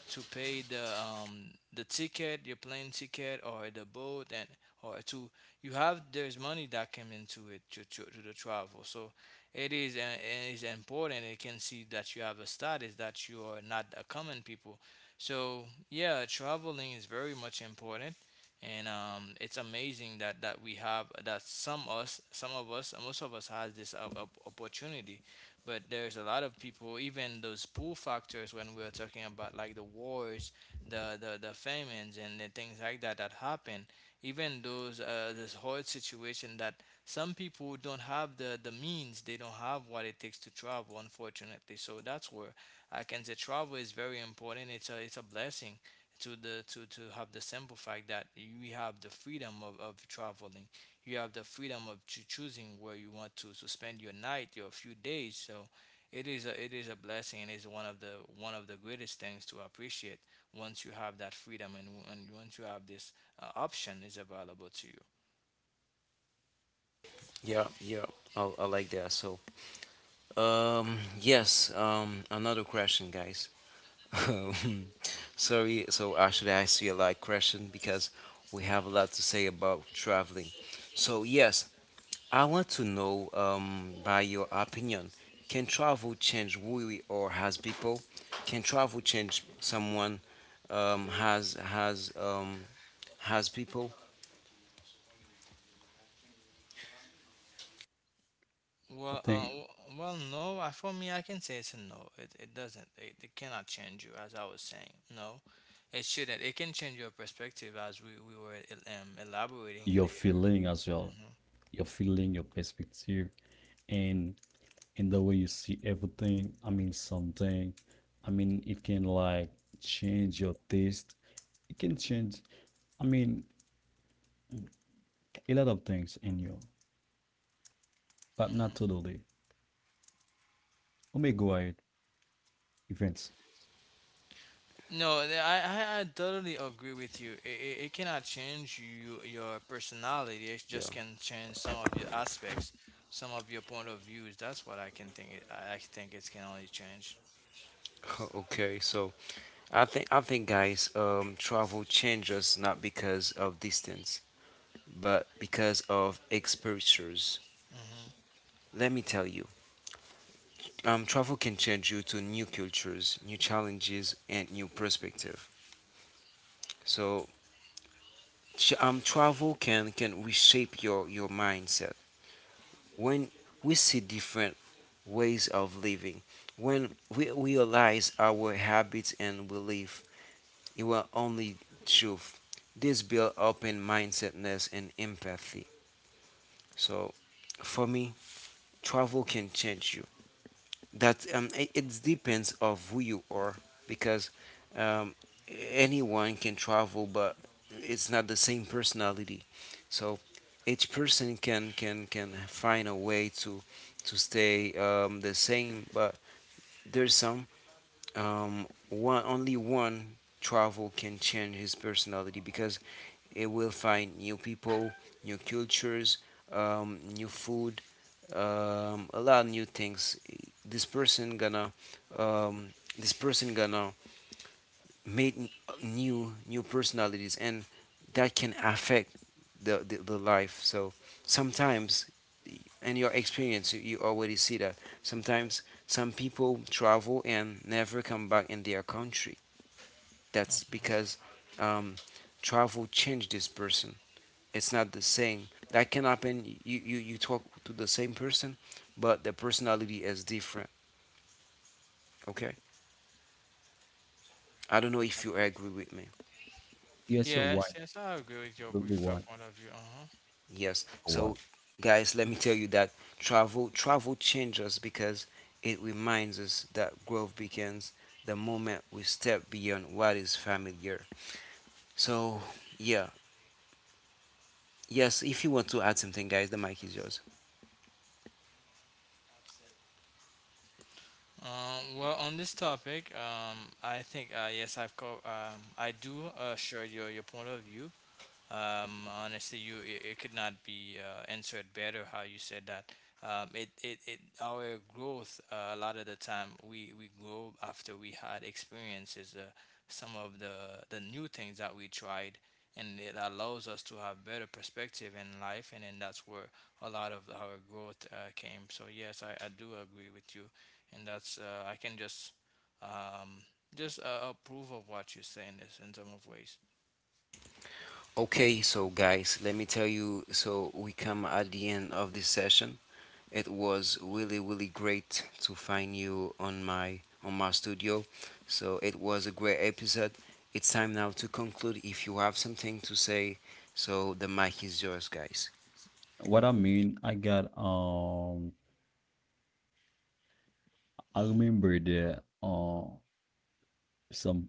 C: to pay the um the ticket, your plane ticket or the boat, and or to, you have, there's money that came into it to to, to the travel. So it is uh, it is important. It can see that you have a status that you are not a common people. So yeah, traveling is very much important, and um, it's amazing that that we have that some us some of us, most of us has this op- op- opportunity. But there's a lot of people, even those pull factors when we are talking about like the wars, the the, the famines, and the things like that that happen. Even those uh, this whole situation that some people don't have the the means, they don't have what it takes to travel, unfortunately. So that's where I can say travel is very important. It's a it's a blessing to the to to have the simple fact that you have the freedom of, of traveling. You have the freedom of choo- choosing where you want to to spend your night, your few days. So it is a it is a blessing, and is one of the one of the greatest things to appreciate once you have that freedom, and, and once you have this uh, option is available to you.
A: Yeah, yeah, I, I like that. So, um, yes, um, another question, guys. Um, sorry, so actually, I see a lot question because we have a lot to say about traveling. So yes, I want to know, um, by your opinion, can travel change who we or as people? Can travel change someone? Um, has has um, has people?
B: I
C: Well, uh,
B: think
C: w- well, no. I, for me, I can say it's a no. It, it doesn't. It, it cannot change you, as I was saying. No, it shouldn't. It can change your perspective, as we, we were el- um, elaborating
B: your
C: later.
B: feeling as well, your feeling, your perspective, and in the way you see everything. I mean, something. I mean, it can like change your taste. It can change, I mean, a lot of things in you, but
C: Hmm.
B: not totally. Let me go ahead. Events.
C: No, th- I, I I totally agree with you. It, it, it cannot change you, your personality. It
A: Yeah.
C: just can change some of your aspects, some of your point of views. That's what I can think. It, I I think it can only change.
A: Okay, so I think I think guys, um, travel changes not because of distance, but because of exposures.
C: Hmm.
A: Let me tell you, Um, travel can change you to new cultures, new challenges, and new perspective. So, ch- um, travel can can reshape your your mindset. When we see different ways of living, when we realize our habits and belief, it will only truth. This build open mindsetness and empathy. So, for me, travel can change you that um, it, it depends of who you are because um, anyone can travel but it's not the same personality, so each person can can can find a way to to stay um, the same, but there's some um, one only one travel can change his personality because it will find new people, new cultures, um, new food, um, a lot of new things. This person gonna, um, this person gonna make n- new new personalities, and that can affect the, the, the life. So sometimes, in your experience, you, you already see that. Sometimes some people travel and never come back in their country. That's
C: Hmm.
A: because um, travel changed this person, it's not the same. That can happen. You, you, you talk to the same person, but the personality is different. Okay? I don't know if you agree with me.
B: Yes, you're white.
C: Yes, yes, I agree with your
B: Absolutely
C: with your
B: white.
C: point of view. Uh huh.
A: Yes.
B: You're
A: So,
B: White.
A: guys, let me tell you that travel travel changes because it reminds us that growth begins the moment we step beyond what is familiar. So, yeah. Yes, if you want to add something, guys, the mic is yours.
C: Uh, well, on this topic, um, I think uh, yes, I've co- um, I do uh, share your, your point of view. Um, honestly, you it, it could not be uh, answered better how you said that. Um, it, it, it, our growth, uh, a lot of the time we, we grow after we had experiences, uh, some of the the new things that we tried, and it allows us to have better perspective in life, and then that's where a lot of our growth uh, came. So yes, I, I do agree with you, and that's uh, I can just um, just uh, approve of what you say in this, in some of ways.
A: Okay, so guys, let me tell you. So we come at the end of this session. It was really, really great to find you on my on my studio. So it was a great episode. It's time now to conclude. If you have something to say, so the mic is yours, guys.
B: What I mean, I got um. I
C: Hmm.
B: remember that uh some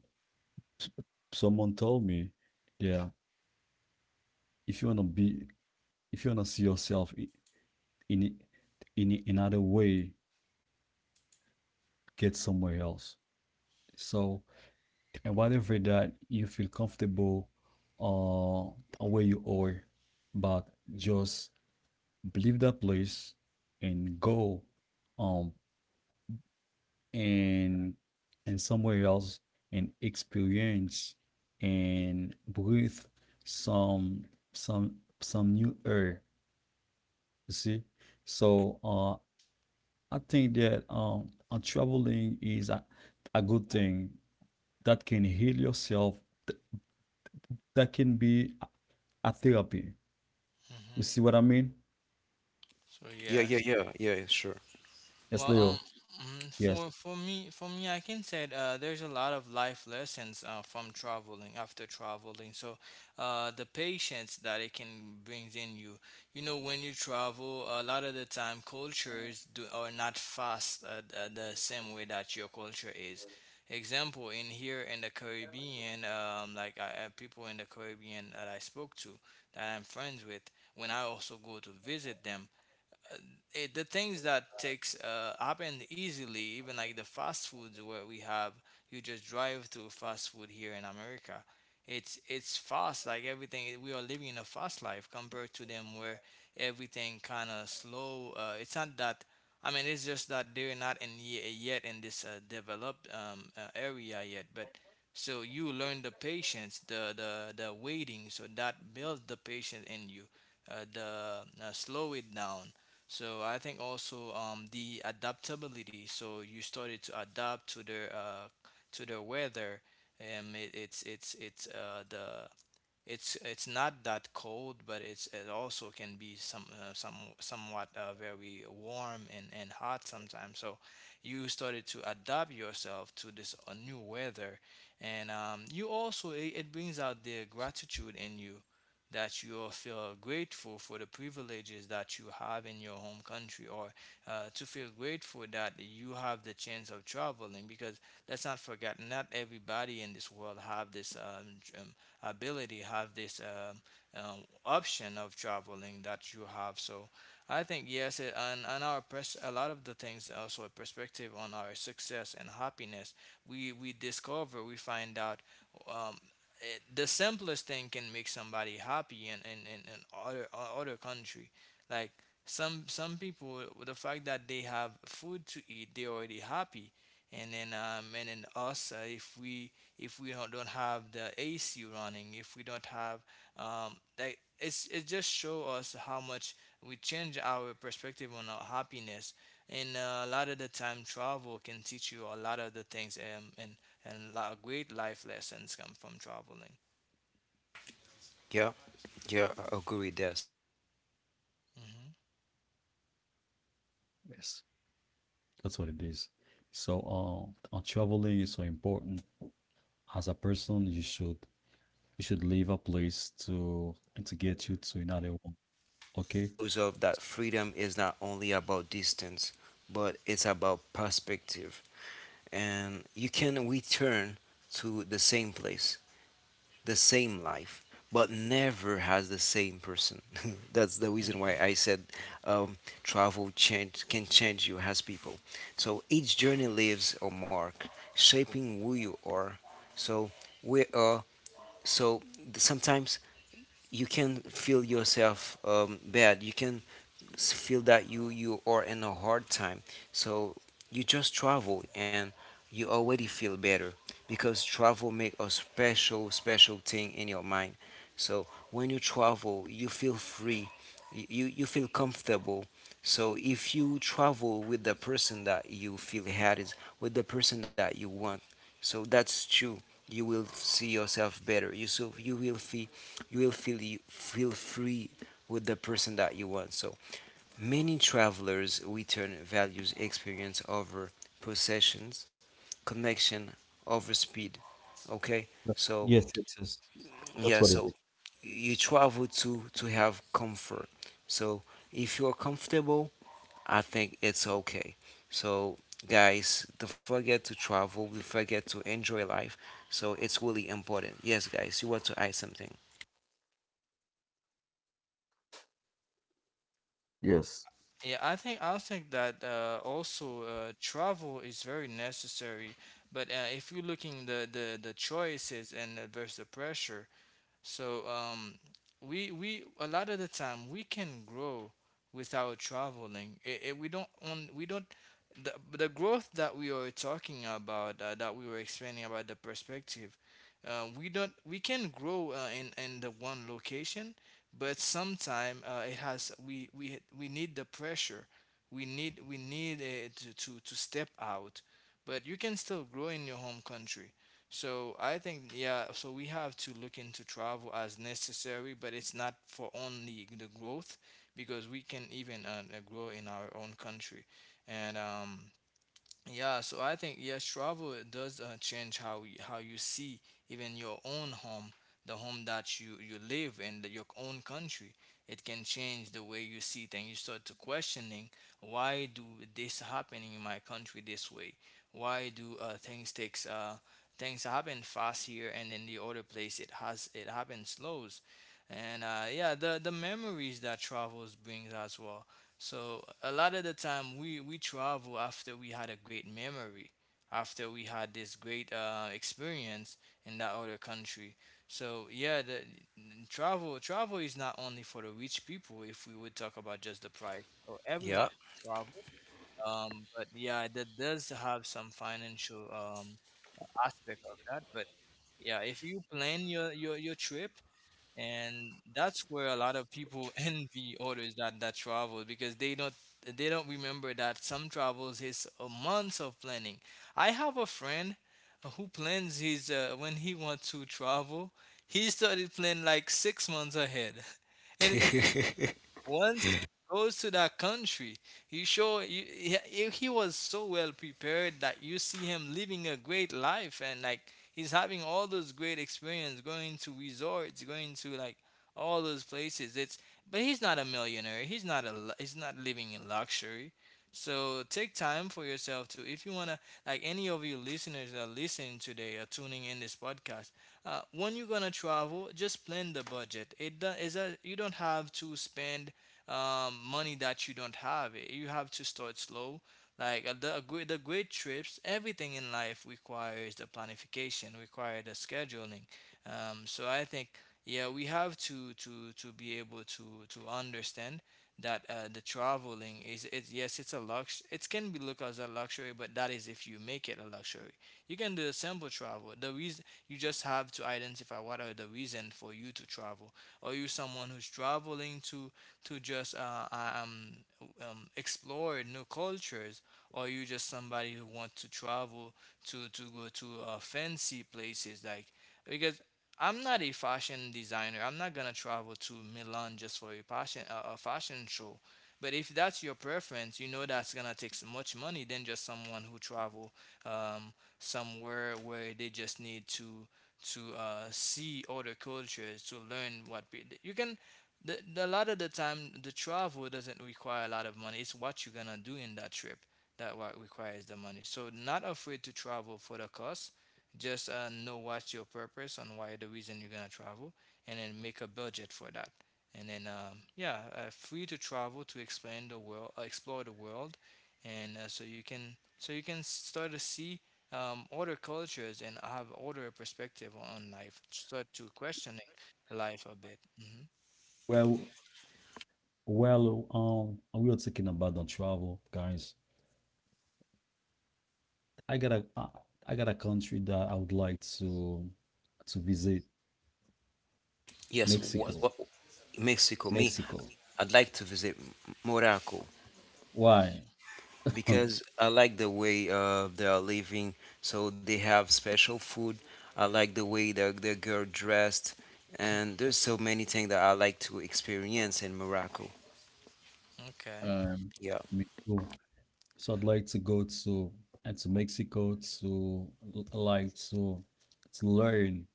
B: s- someone told me, yeah, if you wanna be, if you wanna see yourself i- in i- in i- another way, get somewhere else. So, and whatever that you feel comfortable uh where you are, but just leave that place and go, um and and somewhere else, and experience and breathe some, some some new air, you see? So uh I think that um uh, traveling is a, a good thing that can heal yourself, th- that can be a therapy. You see
C: Hmm.
B: what I mean?
C: So
A: Yeah, yeah,
C: yes.
A: yeah, yeah, yeah, sure.
B: Yes,
C: Well,
B: Leo.
C: um, mm,
B: Yes,
C: for for me, for me, I can say uh, there's a lot of life lessons uh, from traveling, after traveling. So, uh, the patience that it can brings in you. You know, when you travel, a lot of the time cultures do are not fast uh, uh, the same way that your culture is. Example in here in the Caribbean, um, like I, I people in the Caribbean that I spoke to, that I'm friends with, when I also go to visit them, it, the things that takes uh, happen easily. Even like the fast foods where we have, you just drive to fast food here in America. It's it's fast, like everything. We are living in a fast life compared to them, where everything kind of slow. Uh, it's not that. I mean, it's just that they're not in ye- yet in this uh, developed um, uh, area yet. But so you learn the patience, the the the waiting, so that builds the patience in you, uh, the uh, slow it down. So I think also, um, the adaptability. So you started to adapt to their uh, to their weather. Um, it, it's it's it's uh, the it's it's not that cold, but it's it also can be some, uh, some somewhat uh, very warm and, and hot sometimes. So you started to adapt yourself to this uh, new weather, and um, you also, it, it brings out the gratitude in you, that you will feel grateful for the privileges that you have in your home country. Or uh, to feel grateful that you have the chance of traveling, because let's not forget, not everybody in this world have this um, j- um, ability, have this um, um, option of traveling that you have. So I think yes, it, and, and our pers- a lot of the things, also a perspective on our success and happiness. We we discover, we find out, um, it, the simplest thing can make somebody happy in in, in, in other o- other country. Like some some people with the fact that they have food to eat, they're already happy. And then um and then us, uh, if we, if we don't don't have the A C running, if we don't have, um, like, it's it just show us how much we change our perspective on our happiness. And uh, a lot of the time, travel can teach you a lot of the things, um, and and a lot of great life lessons come from traveling.
A: Yeah, yeah, I agree with. So yes, ev-
C: Hmm.
A: everyone has an overview of traveling. So
B: yes,
A: travel is
B: that's what
A: more
B: it
A: than
B: is.
A: movement; it's
B: So, uh, uh,
A: transformation.
B: traveling is so
A: Because
B: important.
A: um,
B: As a
A: travel
B: person,
A: by
B: you should,
A: choice or by
B: you should leave a
A: necessity
B: place to and to
A: is
B: get you
A: really
B: to
A: important.
B: another one.
A: So travel
B: Okay.
A: shows off that freedom is not only about distance, but it's about perspective, and you can return to the same place the same life, but never has the same person. That's the reason why I
C: Hmm.
A: said um, travel change, can change you as people. So each journey leaves a mark, shaping who you are. So we are. So th- sometimes you can feel yourself um, bad. You can s- feel that you you are in a hard time, so you just travel and you already feel better, because travel make a special special thing in your mind. So when you travel you feel free, y- you you feel comfortable. So if you travel with the person that you feel had is with the person that you want, so that's true, you will see yourself better, you so you will feel you will feel you feel free with the person that you want. So many travelers return values experience over possessions, connection over speed. Okay, so
B: Yes,
A: yeah,
B: that's what it
A: so you
B: is.
A: travel to to have comfort. So if you're comfortable, I think it's okay. So guys, don't forget to travel. Don't forget to enjoy life. So it's really important. Yes, guys, you want to add something?
B: Yes.
C: Yeah, I think I think that uh, also uh, travel is very necessary. But uh, if you're looking the the the choices and uh, versus the pressure. So um, we we a lot of the time we can grow without traveling. It, it, we don't, on we don't the, the growth that we are talking about, uh, that we were explaining, about the perspective. Uh, we don't We can grow uh, in in the one location, but sometime uh, it has we we we need the pressure. We need we need uh, to, to to step out, but you can still grow in your home country. So I think yeah, so we have to look into travel as necessary, but it's not for only the growth, because we can even uh, uh, grow in our own country. And um, yeah, so I think yes, travel it does uh, change how y- how you see even your own home, the home that you you live in, the, your own country. It can change the way you see things. You start to questioning, why do this happening in my country this way? Why do uh, things takes, uh, things happen fast here, and in the other place it has it happens slows. And uh, yeah, the the memories that travels brings as well. So a lot of the time we we travel after we had a great memory, after we had this great uh, experience in that other country. So yeah, the n- travel, travel is not only for the rich people. If we would talk about just the price, so
A: Yeah.
C: everyone can travel. Um, but yeah, that does have some financial um aspect of that. But yeah, if you plan your your your trip. And that's where a lot of people envy others that that travel, because they don't, they don't remember that some travels is a months of planning. I have a friend who plans his uh, when he wants to travel. He started planning like six months ahead. Once he goes to that country, he show you, he, he he was so well prepared that you see him living a great life, and like he's having all those great experience, going to resorts, going to like all those places. It's, but he's not a millionaire. He's not a lu- he's not living in luxury. So take time for yourself to, if you want to, like any of you listeners that are listening today, are tuning in this podcast, uh, when you're gonna travel, just plan the budget. It do- is a, you don't have to spend um, money that you don't have. Eh, you have to start slow. Like uh, the a great, the great trips, everything in life requires the planification, require the scheduling. Um, so I think yeah, we have to to to be able to to understand that uh, the traveling is, it's, yes, it's a lux, it can be looked as a luxury, but that is if you make it a luxury. You can do a simple travel. The reason, you just have to identify what are the reason for you to travel. Are you someone who's traveling to to just uh, uh, um, um, explore new cultures, or are you just somebody who wants to travel to to go to uh, fancy places? Like, because I'm not a fashion designer. I'm not gonna travel to Milan just for a fashion, uh, a fashion show. But if that's your preference, you know that's gonna take so much money than just someone who travel um, somewhere where they just need to to uh, see other cultures, to learn what pe- you can. The, the, a lot of the time, the travel doesn't require a lot of money. It's what you're gonna do in that trip that what requires the money. So not afraid to travel for the cost, just uh, know what's your purpose and why the reason you're gonna travel, and then make a budget for that. And then um, yeah, uh, free to travel to explain the world, uh, explore the world, and uh, so you can, so you can start to see um, other cultures and have other perspective on life. Start to questioning life a bit. Hmm.
B: Well, well, um, we are talking about the travel, guys. I got a, I I got a country that I would like to to visit. Yes.
A: Yes,
C: Hmm.
A: what, what,
B: Mexico.
A: Mexico. Me,
B: Mexico.
A: I'd like to visit M- Morocco
B: Why?
A: because I like the way uh, they are living. So they have special food. I like the way the the girl dressed, and there's so many things that I like to experience in Morocco.
C: Okay.
B: Um,
A: Yeah,
B: in Mexico. So I'd like to go to and to Mexico to l- like to to learn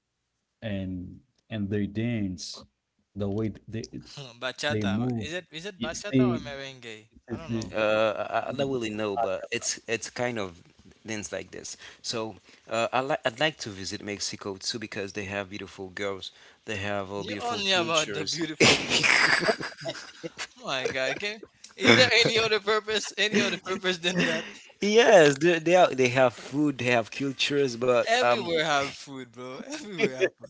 B: and and their dance, the way th- they they
C: Bachata.
B: move.
C: Is it is it
B: You
C: bachata or
B: see,
C: merengue? I don't
B: you
C: know.
A: uh, I, I don't
B: the-
A: really know,
B: I,
A: but it's it's kind of things like this. So uh, I like I'd like to visit Mexico too because they have beautiful girls. They have uh,
C: You
A: beautiful
C: only about the
A: cultures.
C: beautiful girls. Oh my god, can, is there any other purpose? Any other purpose than that?
A: Yes, they they, are, they have food, they have cultures, but um,
C: Everywhere have food, bro. Everywhere have food.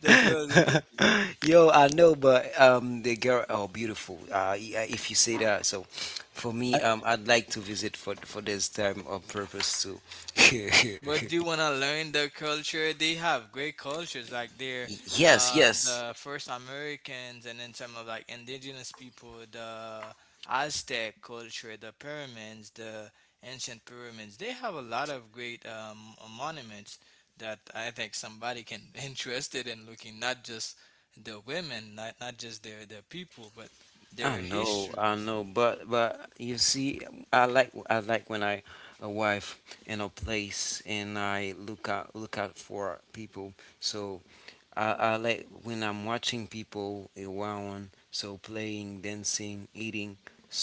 C: The girls and the
A: yo, I know, but um, the girl are beautiful. Uh, i- uh, if you say that, so for me,
B: I,
A: um, I'd like to visit for for this time of purpose too.
C: but do you want to learn the culture? They have great cultures, like they're
A: Yes,
C: uh,
A: yes.
C: the first Americans, and then some of like indigenous people, the Aztec culture, the pyramids, the ancient pyramids. They have a lot of great um, monuments that I think somebody can interested in looking, not just the women, not not just their their people, but
A: I
C: their
A: know, I
C: histories.
A: know, but but you see, I like I like when I arrive in a place and I look out look out for people. So I, I like when I'm watching people around, so playing, dancing, eating.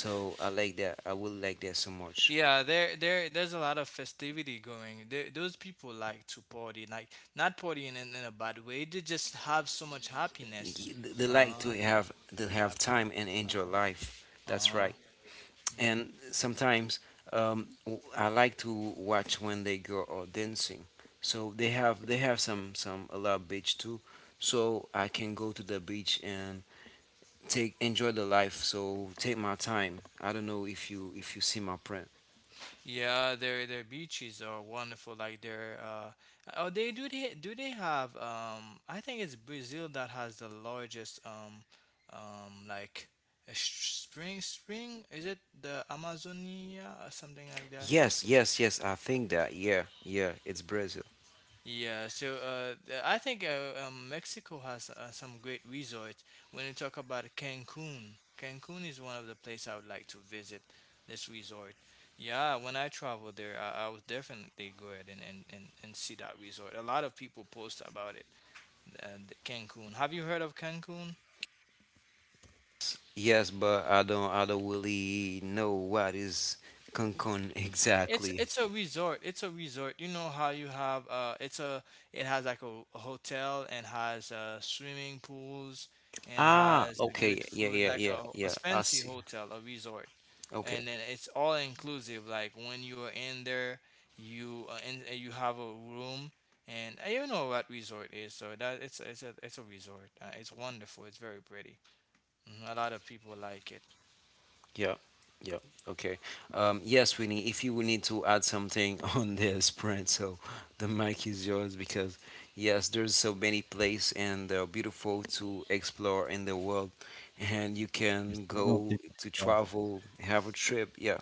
A: So I like that. I will like that so much.
C: Yeah, there, there, there's a lot of festivity going. There, those people like to party, like not partying in, in, a bad way. They just have so much happiness.
A: Y- They like
C: Uh,
A: to have to
C: hap-
A: have time and
C: uh,
A: enjoy life. That's
C: uh-huh.
A: right.
C: Mhm.
A: And sometimes um, w- I like to watch when they go or dancing. So they have they have some some a lot of beach too. So I can go to the beach and take enjoy the life. So take my time. I don't know if you if you see my print.
C: Yeah, their their beaches are wonderful. Like their uh, oh, they do they do they have um? I think it's Brazil that has the largest um, um like a s- spring spring. Is it the Amazonia or something like that?
A: Yes, yes, yes. I think that. Yeah, yeah. It's Brazil.
C: Yeah, so uh, th- I think uh, um, Mexico has uh, some great resorts. When you talk about Cancun, Cancun is one of the places I would like to visit this resort. Yeah, when I travel there, I, I would definitely go ahead and, and, and, and see that resort. A lot of people post about it, uh, the Cancun. Have you heard of Cancun?
A: Yes, but I don't I don't really know what is Cancun
C: It's
A: exactly.
C: it's a resort. It's a resort. You know how you have uh it's a it has like a, a hotel and has uh swimming pools and
A: Ah,
C: has good
A: okay. Yeah,
C: food
A: yeah,
C: like
A: yeah,
C: a, a
A: yeah. I
C: fancy
A: see.
C: hotel, a resort.
A: Okay.
C: And then it's all inclusive like when you're in there you uh, in, uh, you have a room and uh, you know what resort is. So that it's it's a it's a resort. Uh, it's wonderful. It's very pretty. Hmm. A lot of people like it.
A: Yeah, yeah, okay. Um, yes, Winnie, if you will need to add something on this, Brent, so the mic is yours, because, yes, there's so many places and they're beautiful to explore in the world, and you
B: it's
A: can
B: the only one
A: go
B: thing
A: to
B: that I have.
A: travel, have a trip. Yeah,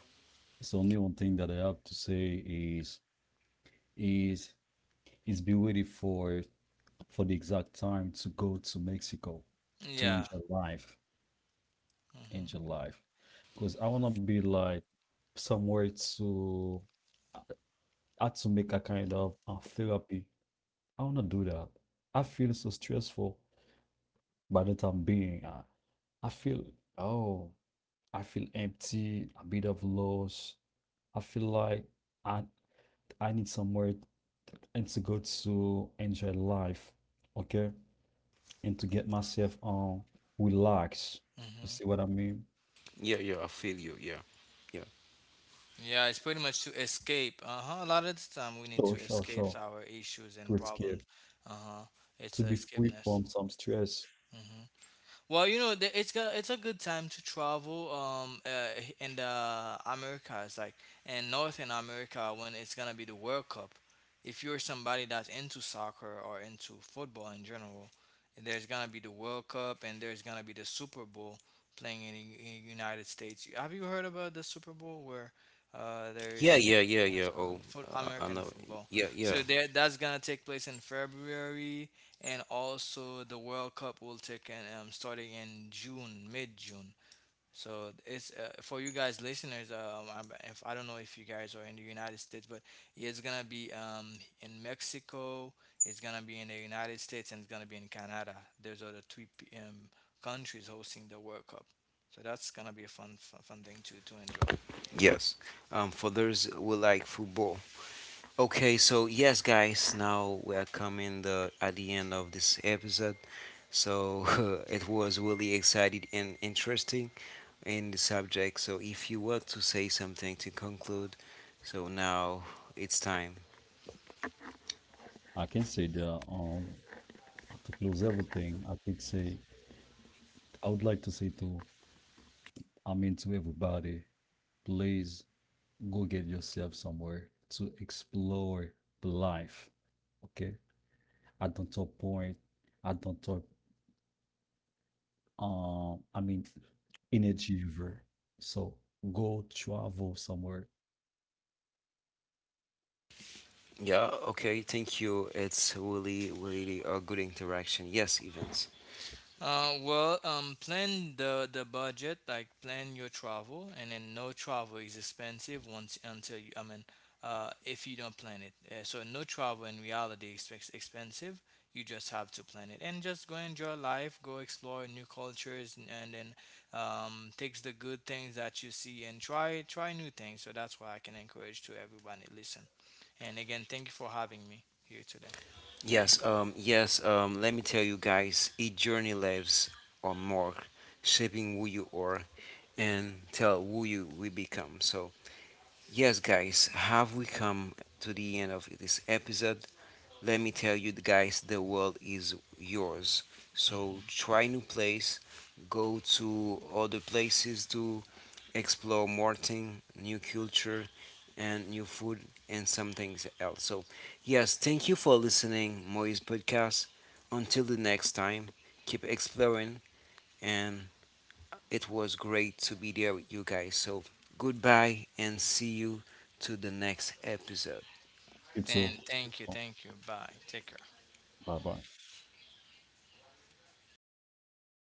B: It's the only one thing that I have to say is is is be ready for for the exact time to go to Mexico to
C: Yeah.
B: enjoy life.
C: Hmm.
B: In your life because I want to be like somewhere to, I had to make a kind of a therapy. I want to do that. I feel so stressful. By the time being, i, I feel, oh, I feel empty, a bit of loss. I feel like i I need somewhere and to go to enjoy life. Okay. And to get myself, um relax. You
C: Hmm.
B: see what I mean?
A: yeah, yeah, I feel you. Yeah, yeah,
C: Yeah, it's pretty much to escape. Uh-huh. A lot of the time we need
B: Sure
C: to
B: sure
C: escape
B: sure,
C: our issues
B: to
C: and
B: escape,
C: problems. Uh-huh. It's
B: to
C: a
B: be free
C: escapeness.
B: from some stress.
C: Mm-hmm. Well, you know, the- it's got it's a good time to travel um uh, in the Americas, like in Northern America when it's gonna be the World Cup. If you're somebody that's into soccer or into football in general, there's gonna be the World Cup and there's gonna be the Super Bowl playing in the in United States. Have you heard about the Super Bowl where uh
A: yeah,
C: there's
A: yeah, yeah,
C: yeah,
A: yeah.
C: so
A: Oh,
C: foot,
A: uh, I
C: American
A: know.
C: football.
A: Yeah,
C: So
A: yeah,
C: there, that's gonna take place in February and also the World Cup will take in um, starting in June, mid June. So it's uh, for you guys listeners. Um, I'm- if I don't know if you guys are in the United States, but it's gonna be um, in Mexico. It's gonna be in the United States and it's gonna be in Canada. Those are the three p- um, countries hosting the World Cup. So that's gonna be a fun, fun, fun thing to to enjoy.
A: yes. Um, for those who like football. Okay, so yes, guys, now we are coming the at the end of this episode. So it was really exciting and interesting in the subject. So if you want to say something to conclude, so now it's time.
B: I can say that, um to close everything, I can say I would like to say to, I mean to, everybody, please go get yourself somewhere to explore the life. Okay. I don't talk point. I don't talk, um I mean, energy river. So go travel somewhere.
A: Yeah. Okay. Thank you. It's really, really a good interaction. Yes, Evans.
C: Uh, well, um, plan the the budget, like plan your travel, and then no travel is expensive once until you. I mean, uh, if you don't plan it, uh, so no travel in reality is ex- expensive. You just have to plan it and just go enjoy life, go explore new cultures, and, and then um, takes the good things that you see and try try new things. So that's why I can encourage to everybody listen. And again, thank you for having me here today.
A: Yes. Um. Yes. Um. Let me tell you guys, each journey lives on mark, shaping who you are, and tell who you we become. So yes, guys, have we come to the end of this episode? Let me tell you, guys, the world is yours. So
C: Hmm.
A: try new place, go to other places to explore more thing, new culture, and new food, and some things else. So, yes, thank you for listening, Moise Podcast. Until the next time, keep exploring, and it was great to be there with you guys. So goodbye and see you to the next episode.
B: It's all.
C: And thank you, thank you. Bye. Take care.
B: Bye bye.